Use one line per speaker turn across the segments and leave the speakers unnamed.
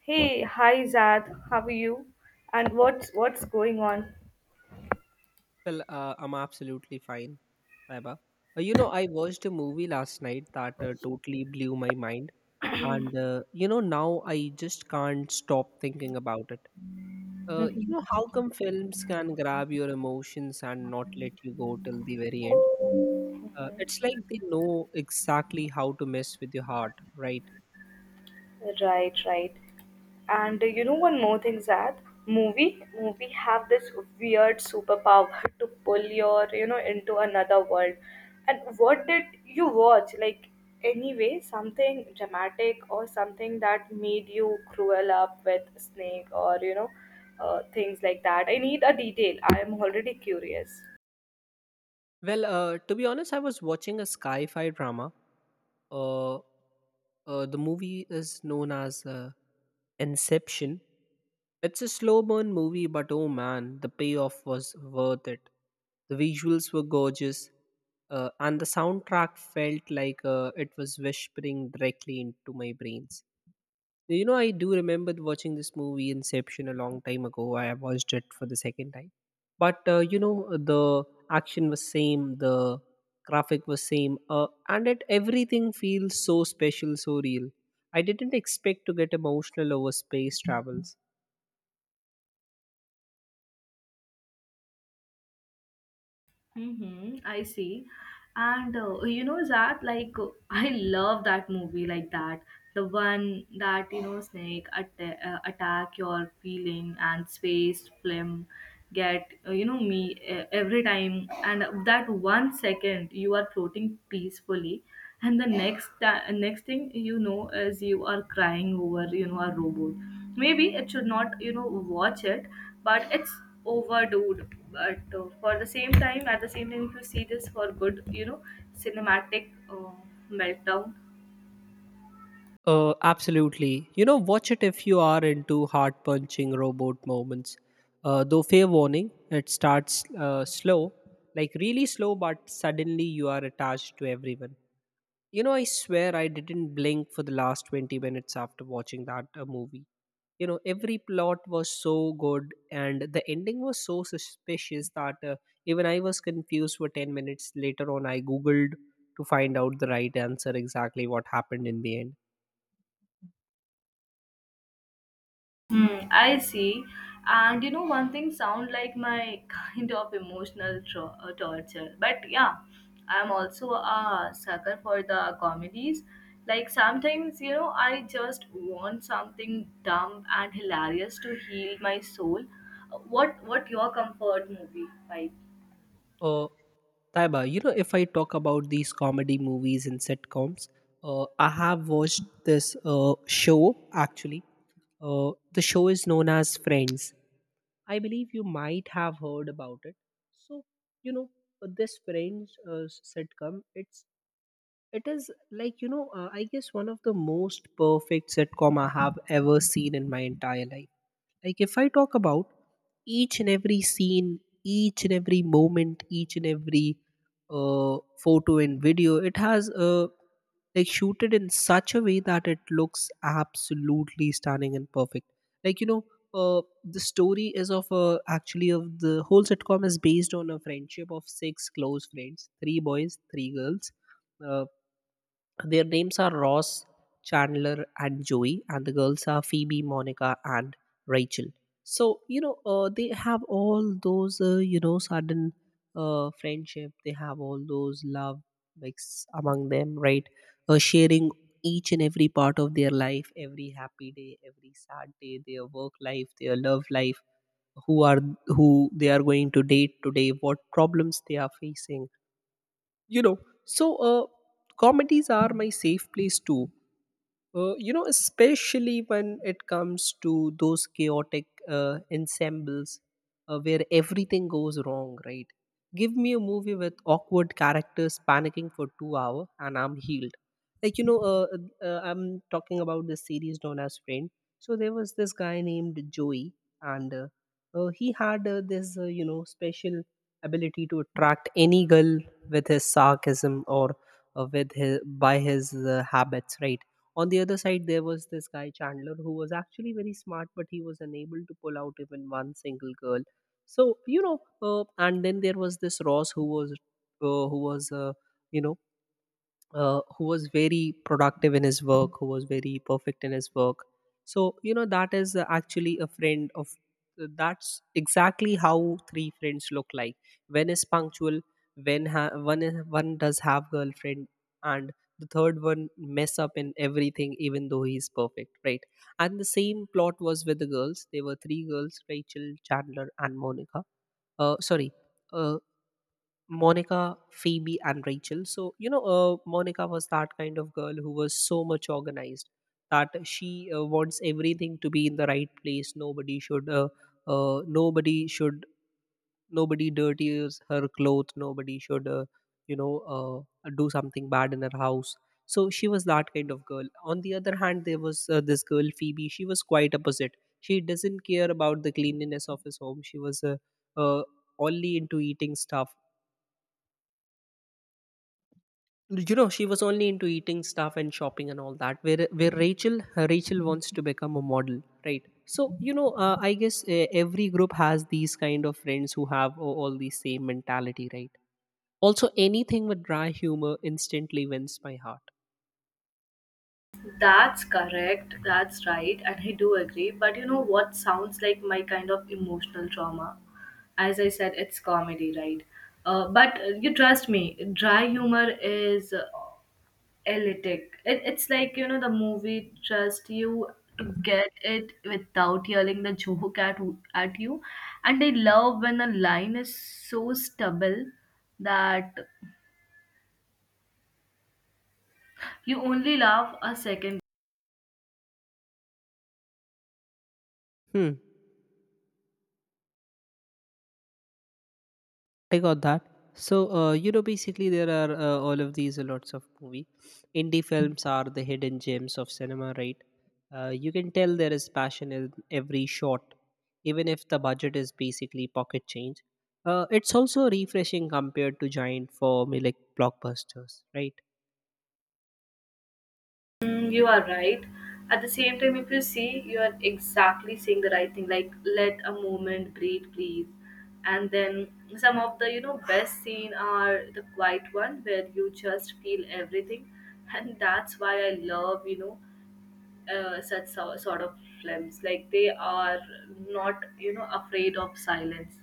Hey, hi Zad, how are you? And what's going on?
Well, I'm absolutely fine, Saiba. I watched a movie last night that totally blew my mind. Now I just can't stop thinking about it.
Mhm.
How come films can grab your emotions and not let you go till the very end? It's like they know exactly how to mess with your heart, right?
Right, right. And you know one more thing, Zad. Movie have this weird superpower to pull your into another world. And what did you watch? Like anyway, something dramatic or something that made you cruel up with snake or things like that. I need a detail. I am already curious.
Well, to be honest, I was watching a sci fi drama. Uh, the movie is known as Inception. It's a slow burn movie, but oh man, the payoff was worth it. The visuals were gorgeous, and the soundtrack felt like it was whispering directly into my brains. You know, I do remember watching this movie Inception a long time ago. I watched it for the second time, but you know, the action was same, the graphic was same, and it everything feels so special, so real. I didn't expect to get emotional over space travels.
Mm-hmm, I see. And you know, Zach, like, I love that movie like that. The one that, you know, attack your feeling and space film get, you know, me every time. And that 1 second you are floating peacefully. And the next thing you know is you are crying over, a robot. Maybe it should not, watch it, but it's overdude but for the same time at the same time if you see this for good cinematic meltdown.
Absolutely, you know, watch it if you are into heart punching robot moments. Though fair warning, it starts slow, like really slow, but suddenly you are attached to everyone. You know, I swear I didn't blink for the last 20 minutes after watching that movie. You know, every plot was so good, and the ending was so suspicious that even I was confused for 10 minutes. Later on, I googled to find out the right answer, exactly what happened in the end.
Hmm, I see. And you know, one thing sound like my kind of torture. But yeah, I'm also a sucker for the comedies. Like sometimes, you know, I just want something dumb and hilarious to heal my soul. What your comfort movie, like?
Uh, Taiba, you know, if I talk about these comedy movies and sitcoms, I have watched this show actually. The show is known as Friends. I believe you might have heard about it. So, you know, this French sitcom, it is like, you know, I guess one of the most perfect sitcom I have ever seen in my entire life. Like, if I talk about each and every scene, each and every moment, each and every uh, photo and video, it has like shooted in such a way that it looks absolutely stunning and perfect. Like, you know, the story is of a, actually of the whole sitcom is based on a friendship of six close friends, three boys, three girls. Uh, their names are Ross, Chandler, and Joey, and the girls are Phoebe, Monica, and Rachel. So you know, they have all those you know sudden friendship. They have all those love mix among them, right? Sharing each and every part of their life, every happy day, every sad day, their work life, their love life, who are who they are going to date today, what problems they are facing, you know. So comedies are my safe place too, you know, especially when it comes to those chaotic ensembles, where everything goes wrong, right? Give me a movie with awkward characters panicking for 2 hours, and I'm healed. Like you know, I'm talking about this series known as friend. So there was this guy named Joey, and he had this you know special ability to attract any girl with his sarcasm or with his by his habits, right? On the other side, there was this guy Chandler who was actually very smart, but he was unable to pull out even one single girl. So you know, and then there was this Ross who was uh, who was uh, you know who was very productive in his work, who was very perfect in his work. So, you know, that is actually a friend of that's exactly how three friends look like. When is punctual, one, one does have girlfriend, and the third one mess up in everything, even though he's perfect, right? And the same plot was with the girls. There were three girls Rachel, Chandler, and Monica. Sorry. Uh, Monica, Phoebe, and Rachel. So, you know, Monica was that kind of girl who was so much organized that she wants everything to be in the right place. Uh, nobody should, Nobody dirties her clothes. Nobody should, you know, do something bad in her house. So she was that kind of girl. On the other hand, there was this girl, Phoebe. She was quite opposite. She doesn't care about the cleanliness of his home. She was uh, only into eating stuff. You know, she was only into eating stuff and shopping and all that, where Rachel wants to become a model, right? So you know, I guess every group has these kind of friends who have all the same mentality, right? Also anything with dry humor instantly wins my heart.
That's correct. That's right. And I do agree. But you know what sounds like my kind of emotional trauma? As I said, it's comedy, right? But you trust me, dry humor is elitic. It's like, you know, the movie trust you to get it without yelling the joke at you. And I love when a line is so stubble that you only laugh a second.
Hmm. I got that. So, you know, basically, there are all of these lots of movie. Indie films are the hidden gems of cinema, right? You can tell there is passion in every shot, even if the budget is basically pocket change. It's also refreshing compared to giant formulaic blockbusters, right?
Mm, you are right. At the same time, if you see, you are exactly saying the right thing. Like, let a moment breathe, please. And then some of the best scene are the quiet one where you just feel everything, and that's why I love sort of films. Like they are not afraid of silence.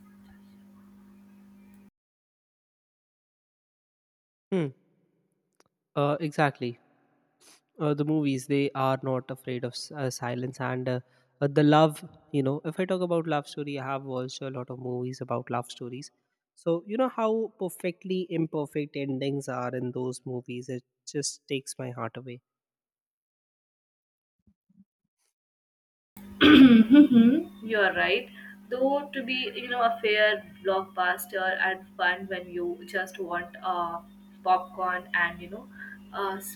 Hmm. Exactly. The movies, they are not afraid of silence, and the love, you know, if I talk about love story, I have watched a lot of movies about love stories. So you know how perfectly imperfect endings are in those movies, it just takes my heart away.
You are right. Though to be, you know, a fair blockbuster and fun when you just want popcorn and uh, s-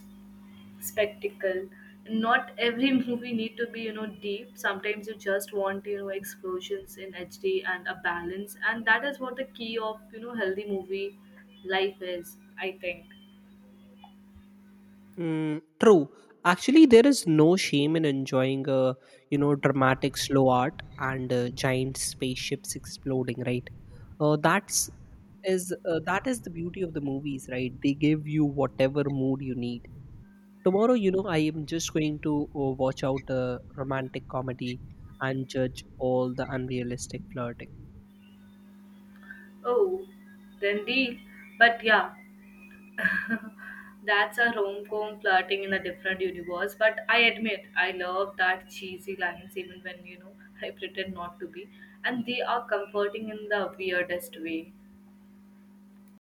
spectacle. Not every movie need to be deep. Sometimes you just want explosions in HD and a balance, and that is what the key of healthy movie life is. I think.
Mm, true. Actually there is no shame in enjoying a you know dramatic slow art and giant spaceships exploding, right? uh, that's that is the beauty of the movies, right? They give you whatever mood you need. Tomorrow you know I am just going to watch out a romantic comedy and judge all the unrealistic flirting.
Oh, then deal. But yeah, that's a rom-com flirting in a different universe, but I admit I love that cheesy lines even when I pretend not to be, and they are comforting in the weirdest way.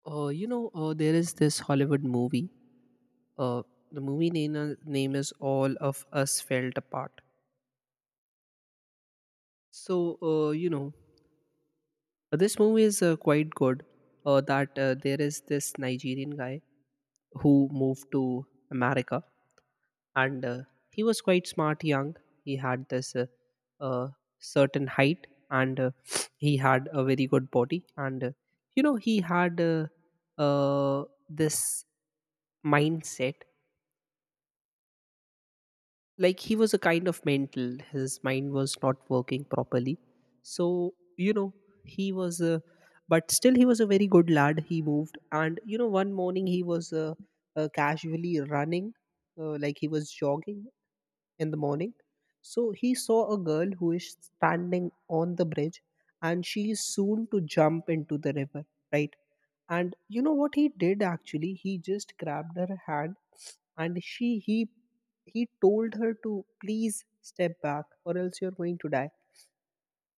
You know, there is this Hollywood movie, uh, the movie name is All Of Us Felt Apart. So you know, this movie is quite good. That There is this Nigerian guy who moved to America, and he was quite smart, young. He had this uh, certain height, and he had a very good body, and you know he had uh, this mindset, like he was a kind of mental, his mind was not working properly. So you know he was a, but still he was a very good lad. He moved, and you know one morning he was casually running, like he was jogging in the morning. So he saw a girl who is standing on the bridge and she is soon to jump into the river, right? And you know what he did actually? He just grabbed her hand, and she he told her to please step back or else you're going to die.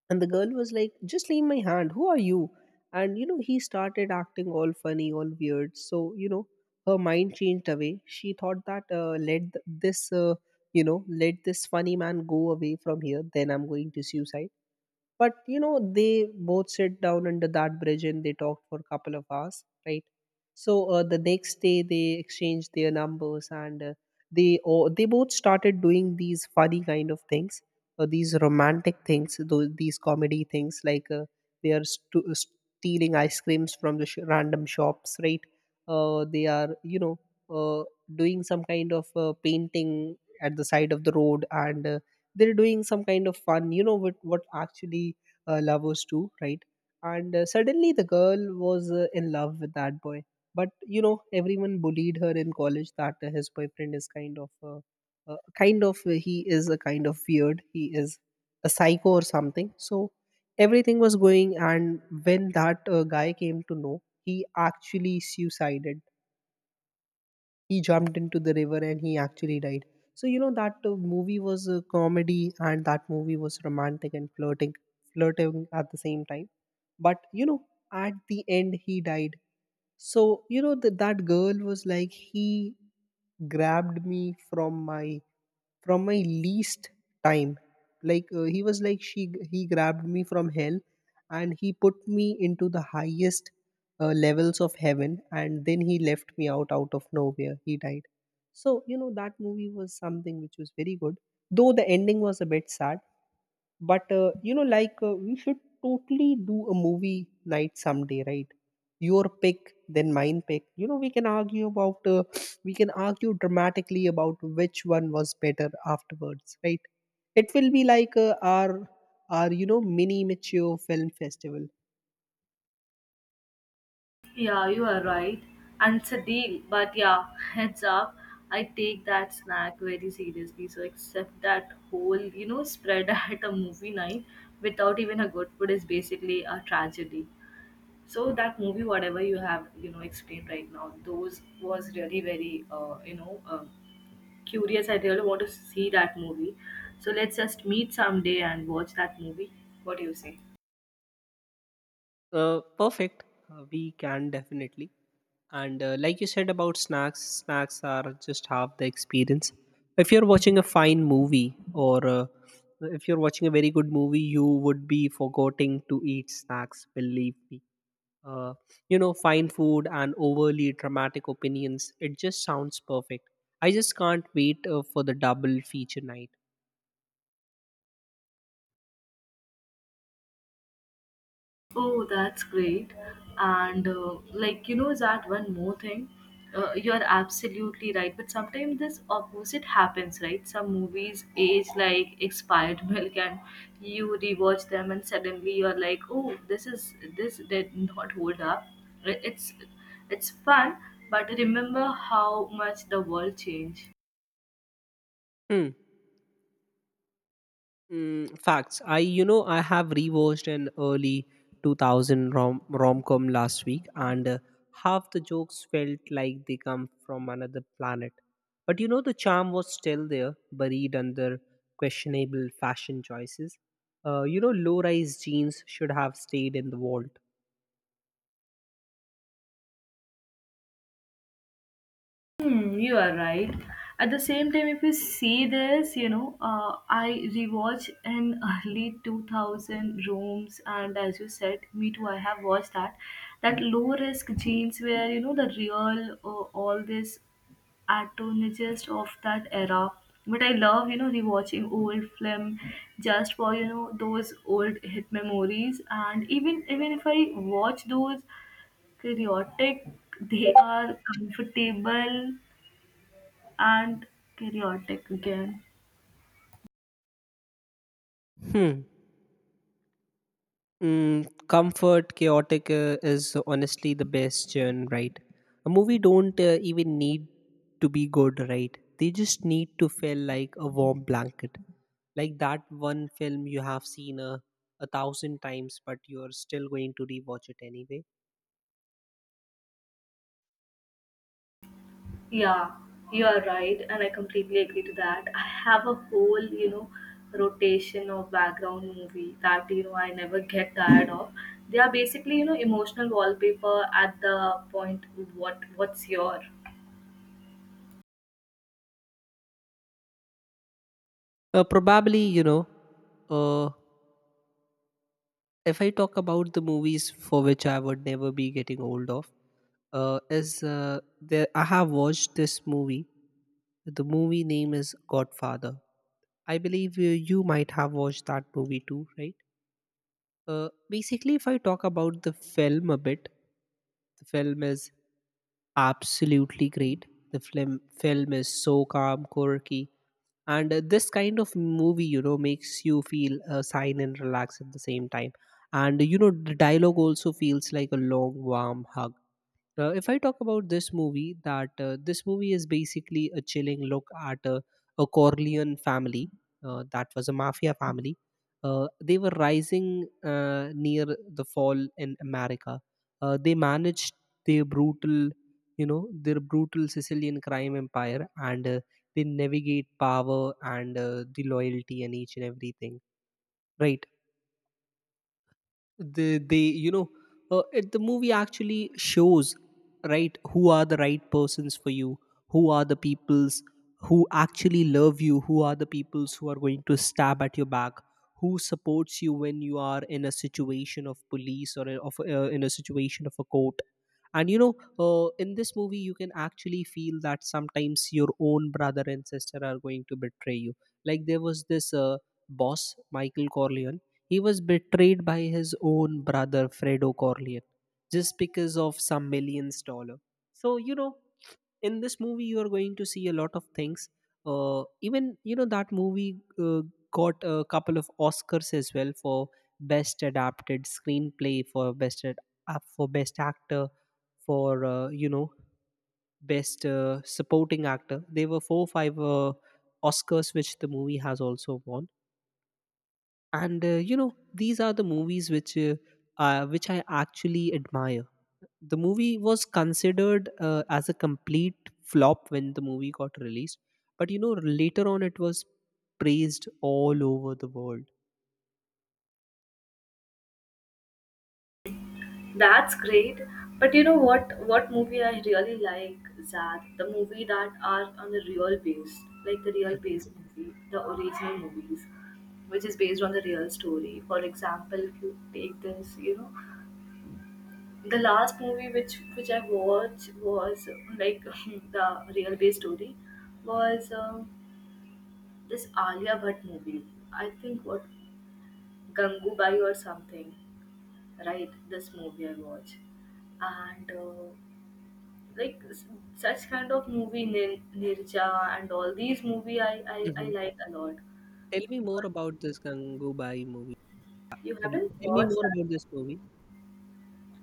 And the girl was like, just leave my hand. Who are you? And, you know, he started acting all funny, all weird. So, you know, her mind changed away. She thought that, this, you know, let this funny man go away from here. Then I'm going to suicide. But you know they both sit down under that bridge and they talked for a couple of hours, right? So the next day they exchanged their numbers, and they both started doing these funny kind of things, these romantic things, those, these comedy things, like they are stealing ice creams from the random shops, right? They are you know uh, doing some kind of painting at the side of the road, and they're doing some kind of fun, you know, what actually lovers do, right? And suddenly the girl was in love with that boy. But you know everyone bullied her in college that his boyfriend is kind of he is a kind of weird, he is a psycho or something. So everything was going, and when that guy came to know, he actually suicided. He jumped into the river and he actually died. So you know that movie was a comedy and that movie was romantic and flirting at the same time. But you know at the end he died. So you know that girl was like, he grabbed me from my from my least time. Like he was like, she he grabbed me from hell and he put me into the highest levels of heaven, and then he left me out of nowhere he died. So you know that movie was something which was very good, though the ending was a bit sad. But you know, like we should totally do a movie night someday, right? Your pick then mine pick, you know we can argue about we can argue dramatically about Which one was better afterwards, right? It will be like our our mini mature film festival.
Yeah, you are right, and it's a deal. But yeah, heads up, I take that snack very seriously. So except that whole spread at a movie night without even a good food is basically a tragedy. So that movie, whatever you have, explained right now, those was really very, curious. I really want to see that movie. So let's just meet someday and watch that movie. What do you say?
Perfect. We can definitely. And like you said about snacks, snacks are just half the experience. If you're watching a fine movie or if you're watching a very good movie, you would be forgetting to eat snacks, believe me. Uh, Fine food and overly dramatic opinions, it just sounds perfect. I just can't wait for the double feature night.
Oh, that's great. And like you know that one more thing, you're absolutely right. But sometimes this opposite happens, right? Some movies age like expired milk, and you rewatch them, and suddenly you're like, oh, this did not hold up. It- It's it's fun, but remember how much the world changed.
Hmm. Mm, facts. I you know I have rewatched an early 2000 rom-com last week and half the jokes felt like they come from another planet. But you know the charm was still there, buried under questionable fashion choices. Low-rise jeans should have stayed in the vault.
Hmm, you are right. At the same time, if you see this, you know, I rewatch in early 2000 rooms, and as you said, me too, I have watched that. That low risk genes where, you know, the real, all this antagonist of that era. But I love, you know, rewatching old film just for, you know, those old hit memories. And even if I watch those chaotic, they are comfortable and chaotic again.
Hmm. Mm, comfort chaotic is honestly the best genre, right? A movie don't even need to be good, right? They just need to feel like a warm blanket. Like that one film you have seen a thousand times, but you're still going to rewatch it anyway.
Yeah, you are right, and I completely agree to that. I have a whole, you know, rotation of background movie that you know I never get tired of. They are basically, you know, emotional wallpaper at the point what's your.
Probably, you know, uh, if I talk about the movies for which I would never be getting old of, is there I have watched this movie. The movie name is Godfather. I believe you might have watched that movie too, right? Basically, if I talk about the film a bit, the film is absolutely great. The film is so calm, quirky, and this kind of movie, you know, makes you feel sane and relaxed at the same time. And you know, the dialogue also feels like a long, warm hug. If I talk about this movie, that this movie is basically a chilling look at a Corleone family. That was a mafia family. They were rising near the fall in America. They managed their brutal Sicilian crime empire, and they navigate power and the loyalty and each and everything. Right, they you know it, the movie actually shows right who are the right persons for you, who are the peoples who actually love you, who are the peoples who are going to stab at your back, who supports you when you are in a situation of police or in- of in a situation of a court. And you know, in this movie you can actually feel that sometimes your own brother and sister are going to betray you. Like there was this boss Michael Corleone. He was betrayed by his own brother Fredo Corleone just because of some millions dollar. So you know, in this movie you are going to see a lot of things. Even you know that movie got a couple of Oscars as well for best adapted screenplay, for for best actor, for best supporting actor. There were four five Oscars which the movie has also won. And you know, these are the movies which I actually admire. The movie was considered as a complete flop when the movie got released, but you know later on it was praised all over the world.
That's great. But you know what? What movie I really like, Zad, the movie that are on the real base, like the real
Mhm,
base movie, the original movies, which is based on the real story. For example, if you take this, you know, the last movie which I watched was like the real base story was this Alia Bhatt movie. I think what Gangubai or something, right? This movie I watched and. Like such kind of movie Nirja and all these movie I I
mhm.
like a lot.
Tell me more
But
about this Gangubai movie.
you
Uh,
haven't
Tell me
watched
more
that.
about this movie.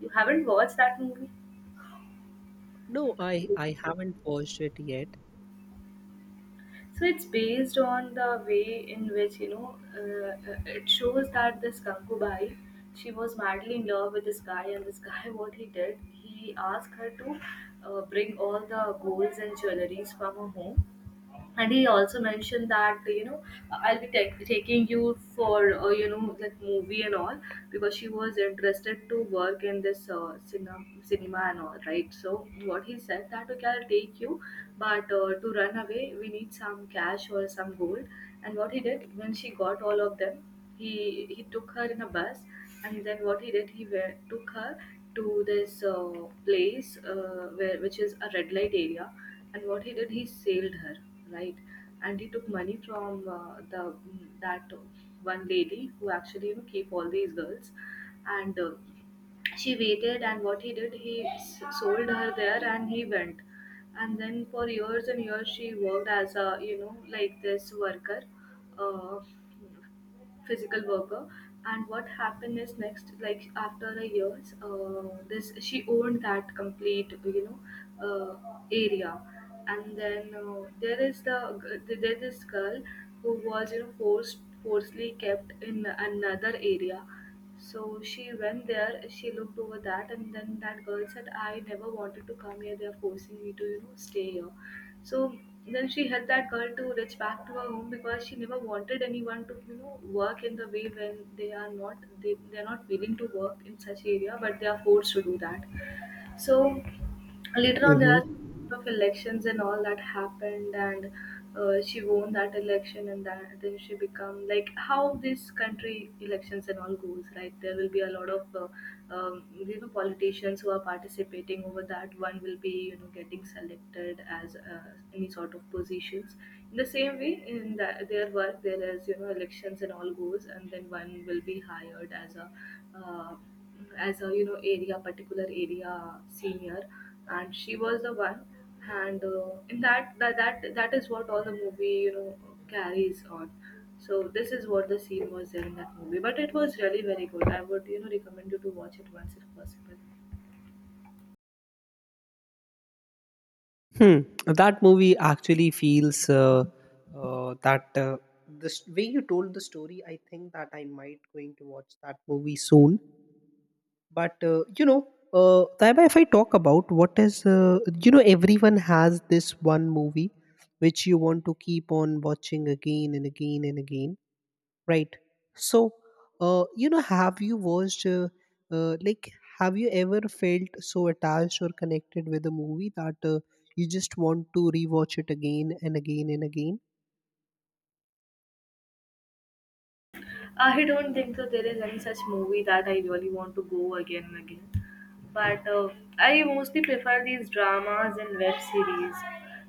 You haven't watched that movie.
No, I haven't watched it
So it's based on the way in which you know it shows that this Gangubai, she was madly in love with this guy, and this guy what he did, he asked her to bring all the golds and jewelries from her home, and he also mentioned that you know I'll be taking you for you know like movie and all, because she was interested to work in this cinema and all right, so what he said that okay I'll take you, but to run away we need some cash or some gold, and what he did when she got all of them, he took her in a bus, and then what he did, he went, took her to this place where which is a red light area, and what he did, he sailed her right, and he took money from the that one lady who actually you know keep all these girls, and. She waited and what he did he sold her there and he went, and then for years and years she worked as a you know like this worker, uh, physical worker, and what happened is next like after a years this she owned that complete you know uh, area, and then there is the there is this girl who was you know forced forcibly kept in another area, so she went there, she looked over that, and then that girl said, I never wanted to come here, they're forcing me to, you know, stay here. So then she helped that girl to reach back to her home because she never wanted anyone to, you know, work in the way when they are not they're not willing to work in such area, but they are forced to do that. So later on, there
yet.
are of elections and all that happened, and she won that election, and that, then she become like how this country elections and all goes, right? There will be a lot of you know politicians who are participating over that. One will be you know getting selected as any sort of positions. In the same way, in the, their work, there is you know elections and all goes, and then one will be hired uh, as a you know area particular area senior, and she was the one, and in that, that is what all the movie you know carries on, so this is what the scene was there in that movie but it was really very good, I would you know recommend you to watch it once if possible.
Hmm. That movie actually feels that the way you told the story. I think that I might going to watch that movie soon. But you know, Taiba, if I talk about what is, you know, everyone has this one movie which you want to keep on watching again and again and again, right? So you know, have you watched like, have you ever felt so attached or connected with a movie that you just want to rewatch it again and again and again?
I don't think so. There is any such movie that I really want to go again and again. But I mostly prefer these dramas and web series.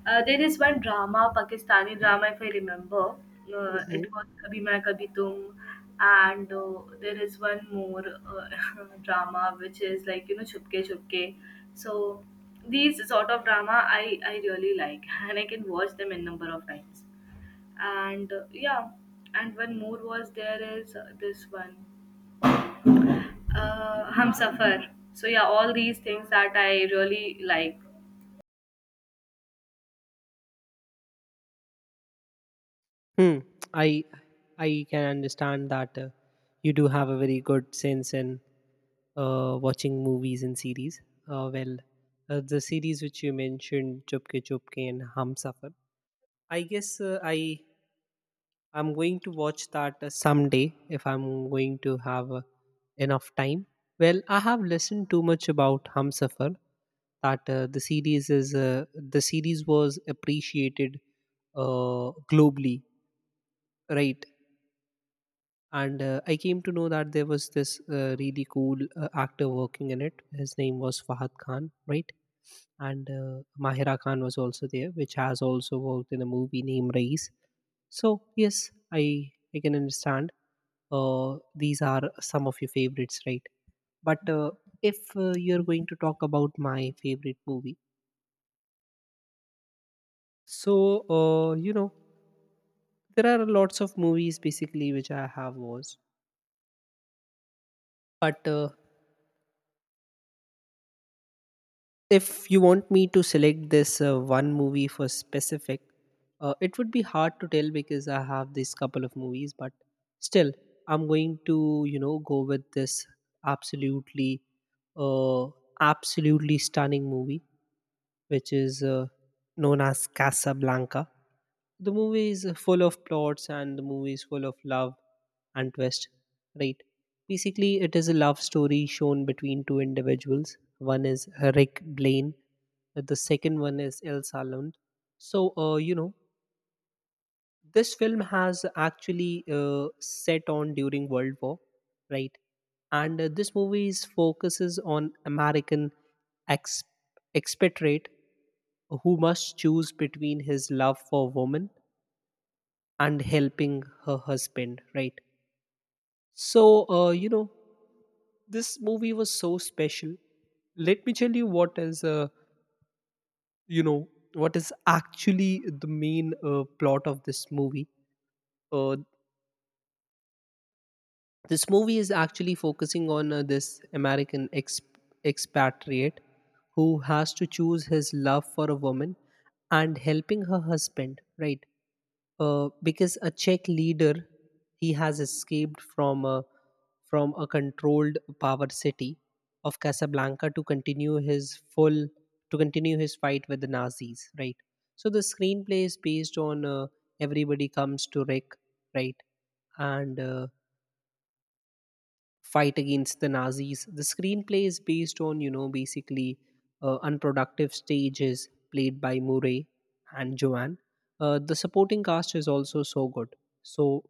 There is one drama, Pakistani drama, if I remember. It
Mhm.
was Kabhi Main Kabhi Tum. And there is one more drama which is like, you know, Chupke Chupke. So these sort of drama I really like and I can watch them a number of times and yeah, and one more was there is this one hum safar, so yeah all these things that I really like.
Hmm. I I can understand that you do have a very good sense in watching movies and series. Well, the series which you mentioned, Chupke Chupke and Hum Safar. I guess I'm going to watch that someday if I'm going to have enough time. Well, I have listened too much about Hum Safar that the series was appreciated globally, right? And I came to know that there was this really cool actor working in it. His name was Fahad Khan, right? And Mahira Khan was also there, which has also worked in a movie named Race. So yes, I can understand these are some of your favorites, right? But if you're going to talk about my favorite movie, so you know, there are lots of movies basically which I have watched, but if you want me to select this one movie for specific, it would be hard to tell because I have this couple of movies, but still I'm going to you know go with this absolutely uh, absolutely stunning movie which is known as Casablanca. The movie is full of plots and the movie is full of love and twist, right? Basically it is a love story shown between two individuals. One is Rick Blaine, that the second one is El Salund. So, you know, this film has actually set on during World War, right? And this movie is focuses on American ex- expatriate who must choose between his love for woman and helping her husband, right? So, you know, this movie was so special. Let me tell you what is you know what is actually the main plot of this movie. uh, this movie is actually focusing on this American expatriate who has to choose his love for a woman and helping her husband, right? Because a Czech leader, he has escaped from a controlled power city of Casablanca to continue his fight with the Nazis, right? So the screenplay is based on everybody comes to Rick, right? And fight against the Nazis. The screenplay is based on, you know, basically unproductive stages played by Murray and Joanne. The supporting cast is also so good. So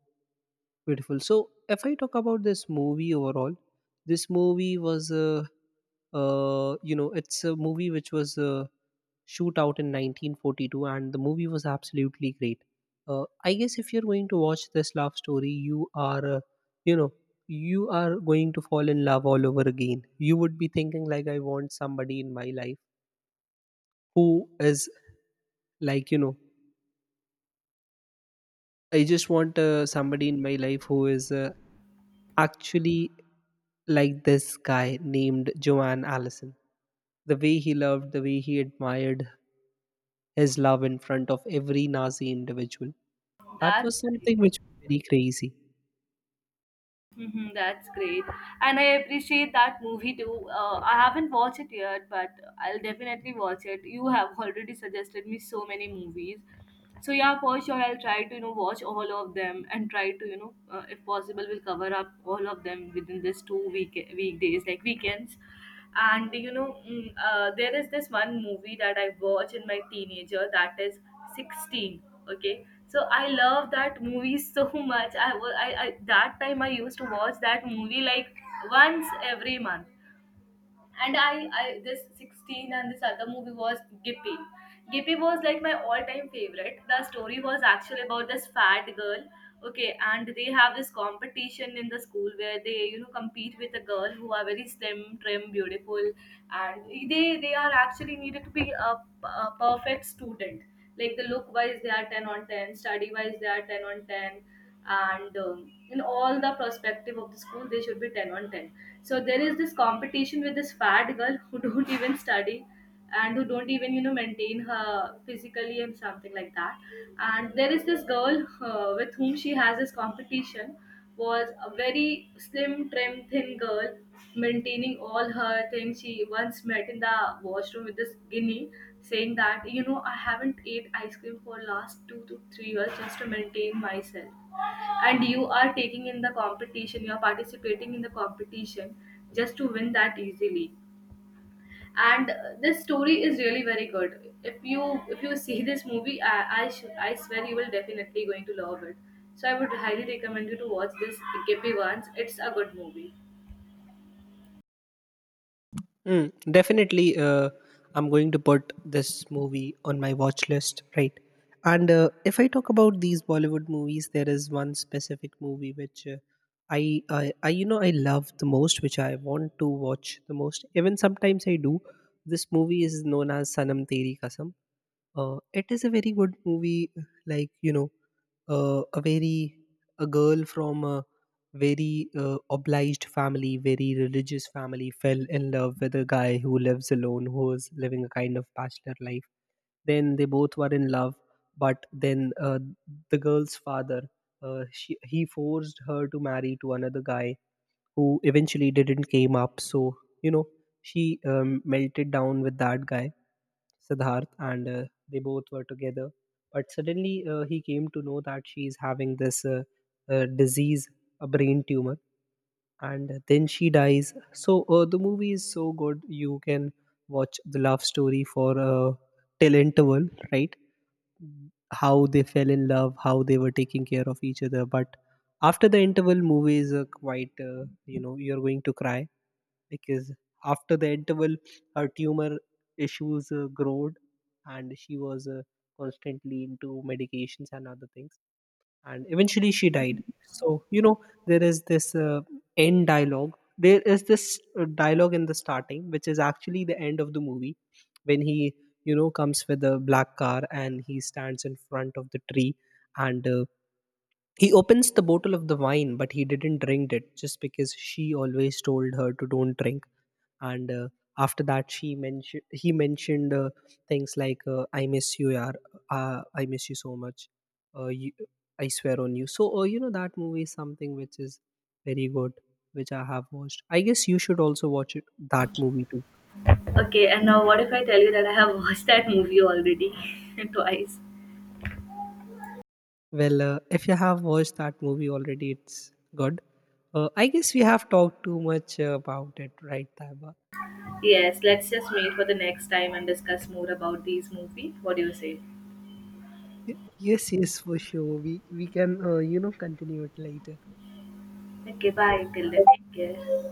beautiful. So, if I talk about this movie overall, this movie was, you know, it's a movie which was shoot out in 1942, and the movie was absolutely great. I guess if you're going to watch this love story, you are, you know, you are going to fall in love all over again. You would be thinking like, I want somebody in my life who is like, you know, I just want somebody in my life who is actually like this guy named Joanne Allison. The way he loved, the way he admired his love in front of every Nazi individual. That
That's
was
great.
something which was very crazy.
Hmm, that's great, and I appreciate that movie too. I haven't watched it yet, but I'll definitely watch it. You have already suggested me so many movies, so yeah for sure I'll try to you know watch all of them, and try to you know if possible we'll cover up all of them within this 2 week weekdays like weekends. And you know there is this one movie that I watch in my teenager that is 16. Okay so I love that movie so much, I was I that time I used to watch that movie like once every month. And I this 16 and this other movie was Gippy. Gippy was like my all-time favorite. The story was actually about this fat girl, okay, and they have this competition in the school where they you know compete with a girl who are very slim, trim, beautiful, and they are actually needed to be a perfect student. Like the look wise, they are 10 on 10, study wise, they are 10 on 10, and in all the perspective of the school, they should be 10 on 10. So there is this competition with this fat girl who don't even study and who don't even you know maintain her physically and something like that, and there is this girl with whom she has this competition, was a very slim trim thin girl maintaining all her things. She once met in the washroom with this guinea saying that you know I haven't ate ice cream for last 2 to 3 years just to maintain myself, and you are taking in the competition, you are participating in the competition just to win that easily. And this story is really very good. If you see this movie I swear you will definitely going to love it. So I would highly recommend you to watch this Gippy once, it's a good movie.
Mm, definitely, I'm going to put this movie on my watch list, right? And if I talk about these Bollywood movies, there is one specific movie which you know, I love the most, which I want to watch the most. Even sometimes I do. This movie is known as Sanam Teri Kasam. It is a very good movie, like, you know, uh, a very, a girl from a very obliged family, very religious family fell in love with a guy who lives alone, who is living a kind of bachelor life. Then they both were in love, but then the girl's father, she, he forced her to marry to another guy who eventually didn't came up. So, you know, she melted down with that guy Siddharth, and they both were together. But suddenly, he came to know that she is having this disease, a brain tumor, and then she dies. So the movie is so good. You can watch the love story for till interval, right? How they fell in love, how they were taking care of each other, but after the interval movies are quite you know, you're going to cry, because after the interval her tumor issues growed, and she was constantly into medications and other things, and eventually she died. So you know, there is this end dialogue, there is this dialogue in the starting which is actually the end of the movie, when he you know comes with a black car and he stands in front of the tree, and he opens the bottle of the wine but he didn't drink it just because she always told her to don't drink. And after that she mentioned he mentioned things like I miss you yaar, I miss you so much, uh, you, I swear on you. So you know, that movie is something which is very good, which I have watched. I guess you should also watch it, that movie too.
Okay, and now what if I tell you that I have watched that movie already twice.
Well if you have watched that movie already, it's good. I guess we have talked too much about it, right Taiba?
Yes, let's just meet for the next time and discuss more about these movie, what do you say?
Y- yes, yes, for sure, we can you know continue it later.
Okay, bye, till then, take care.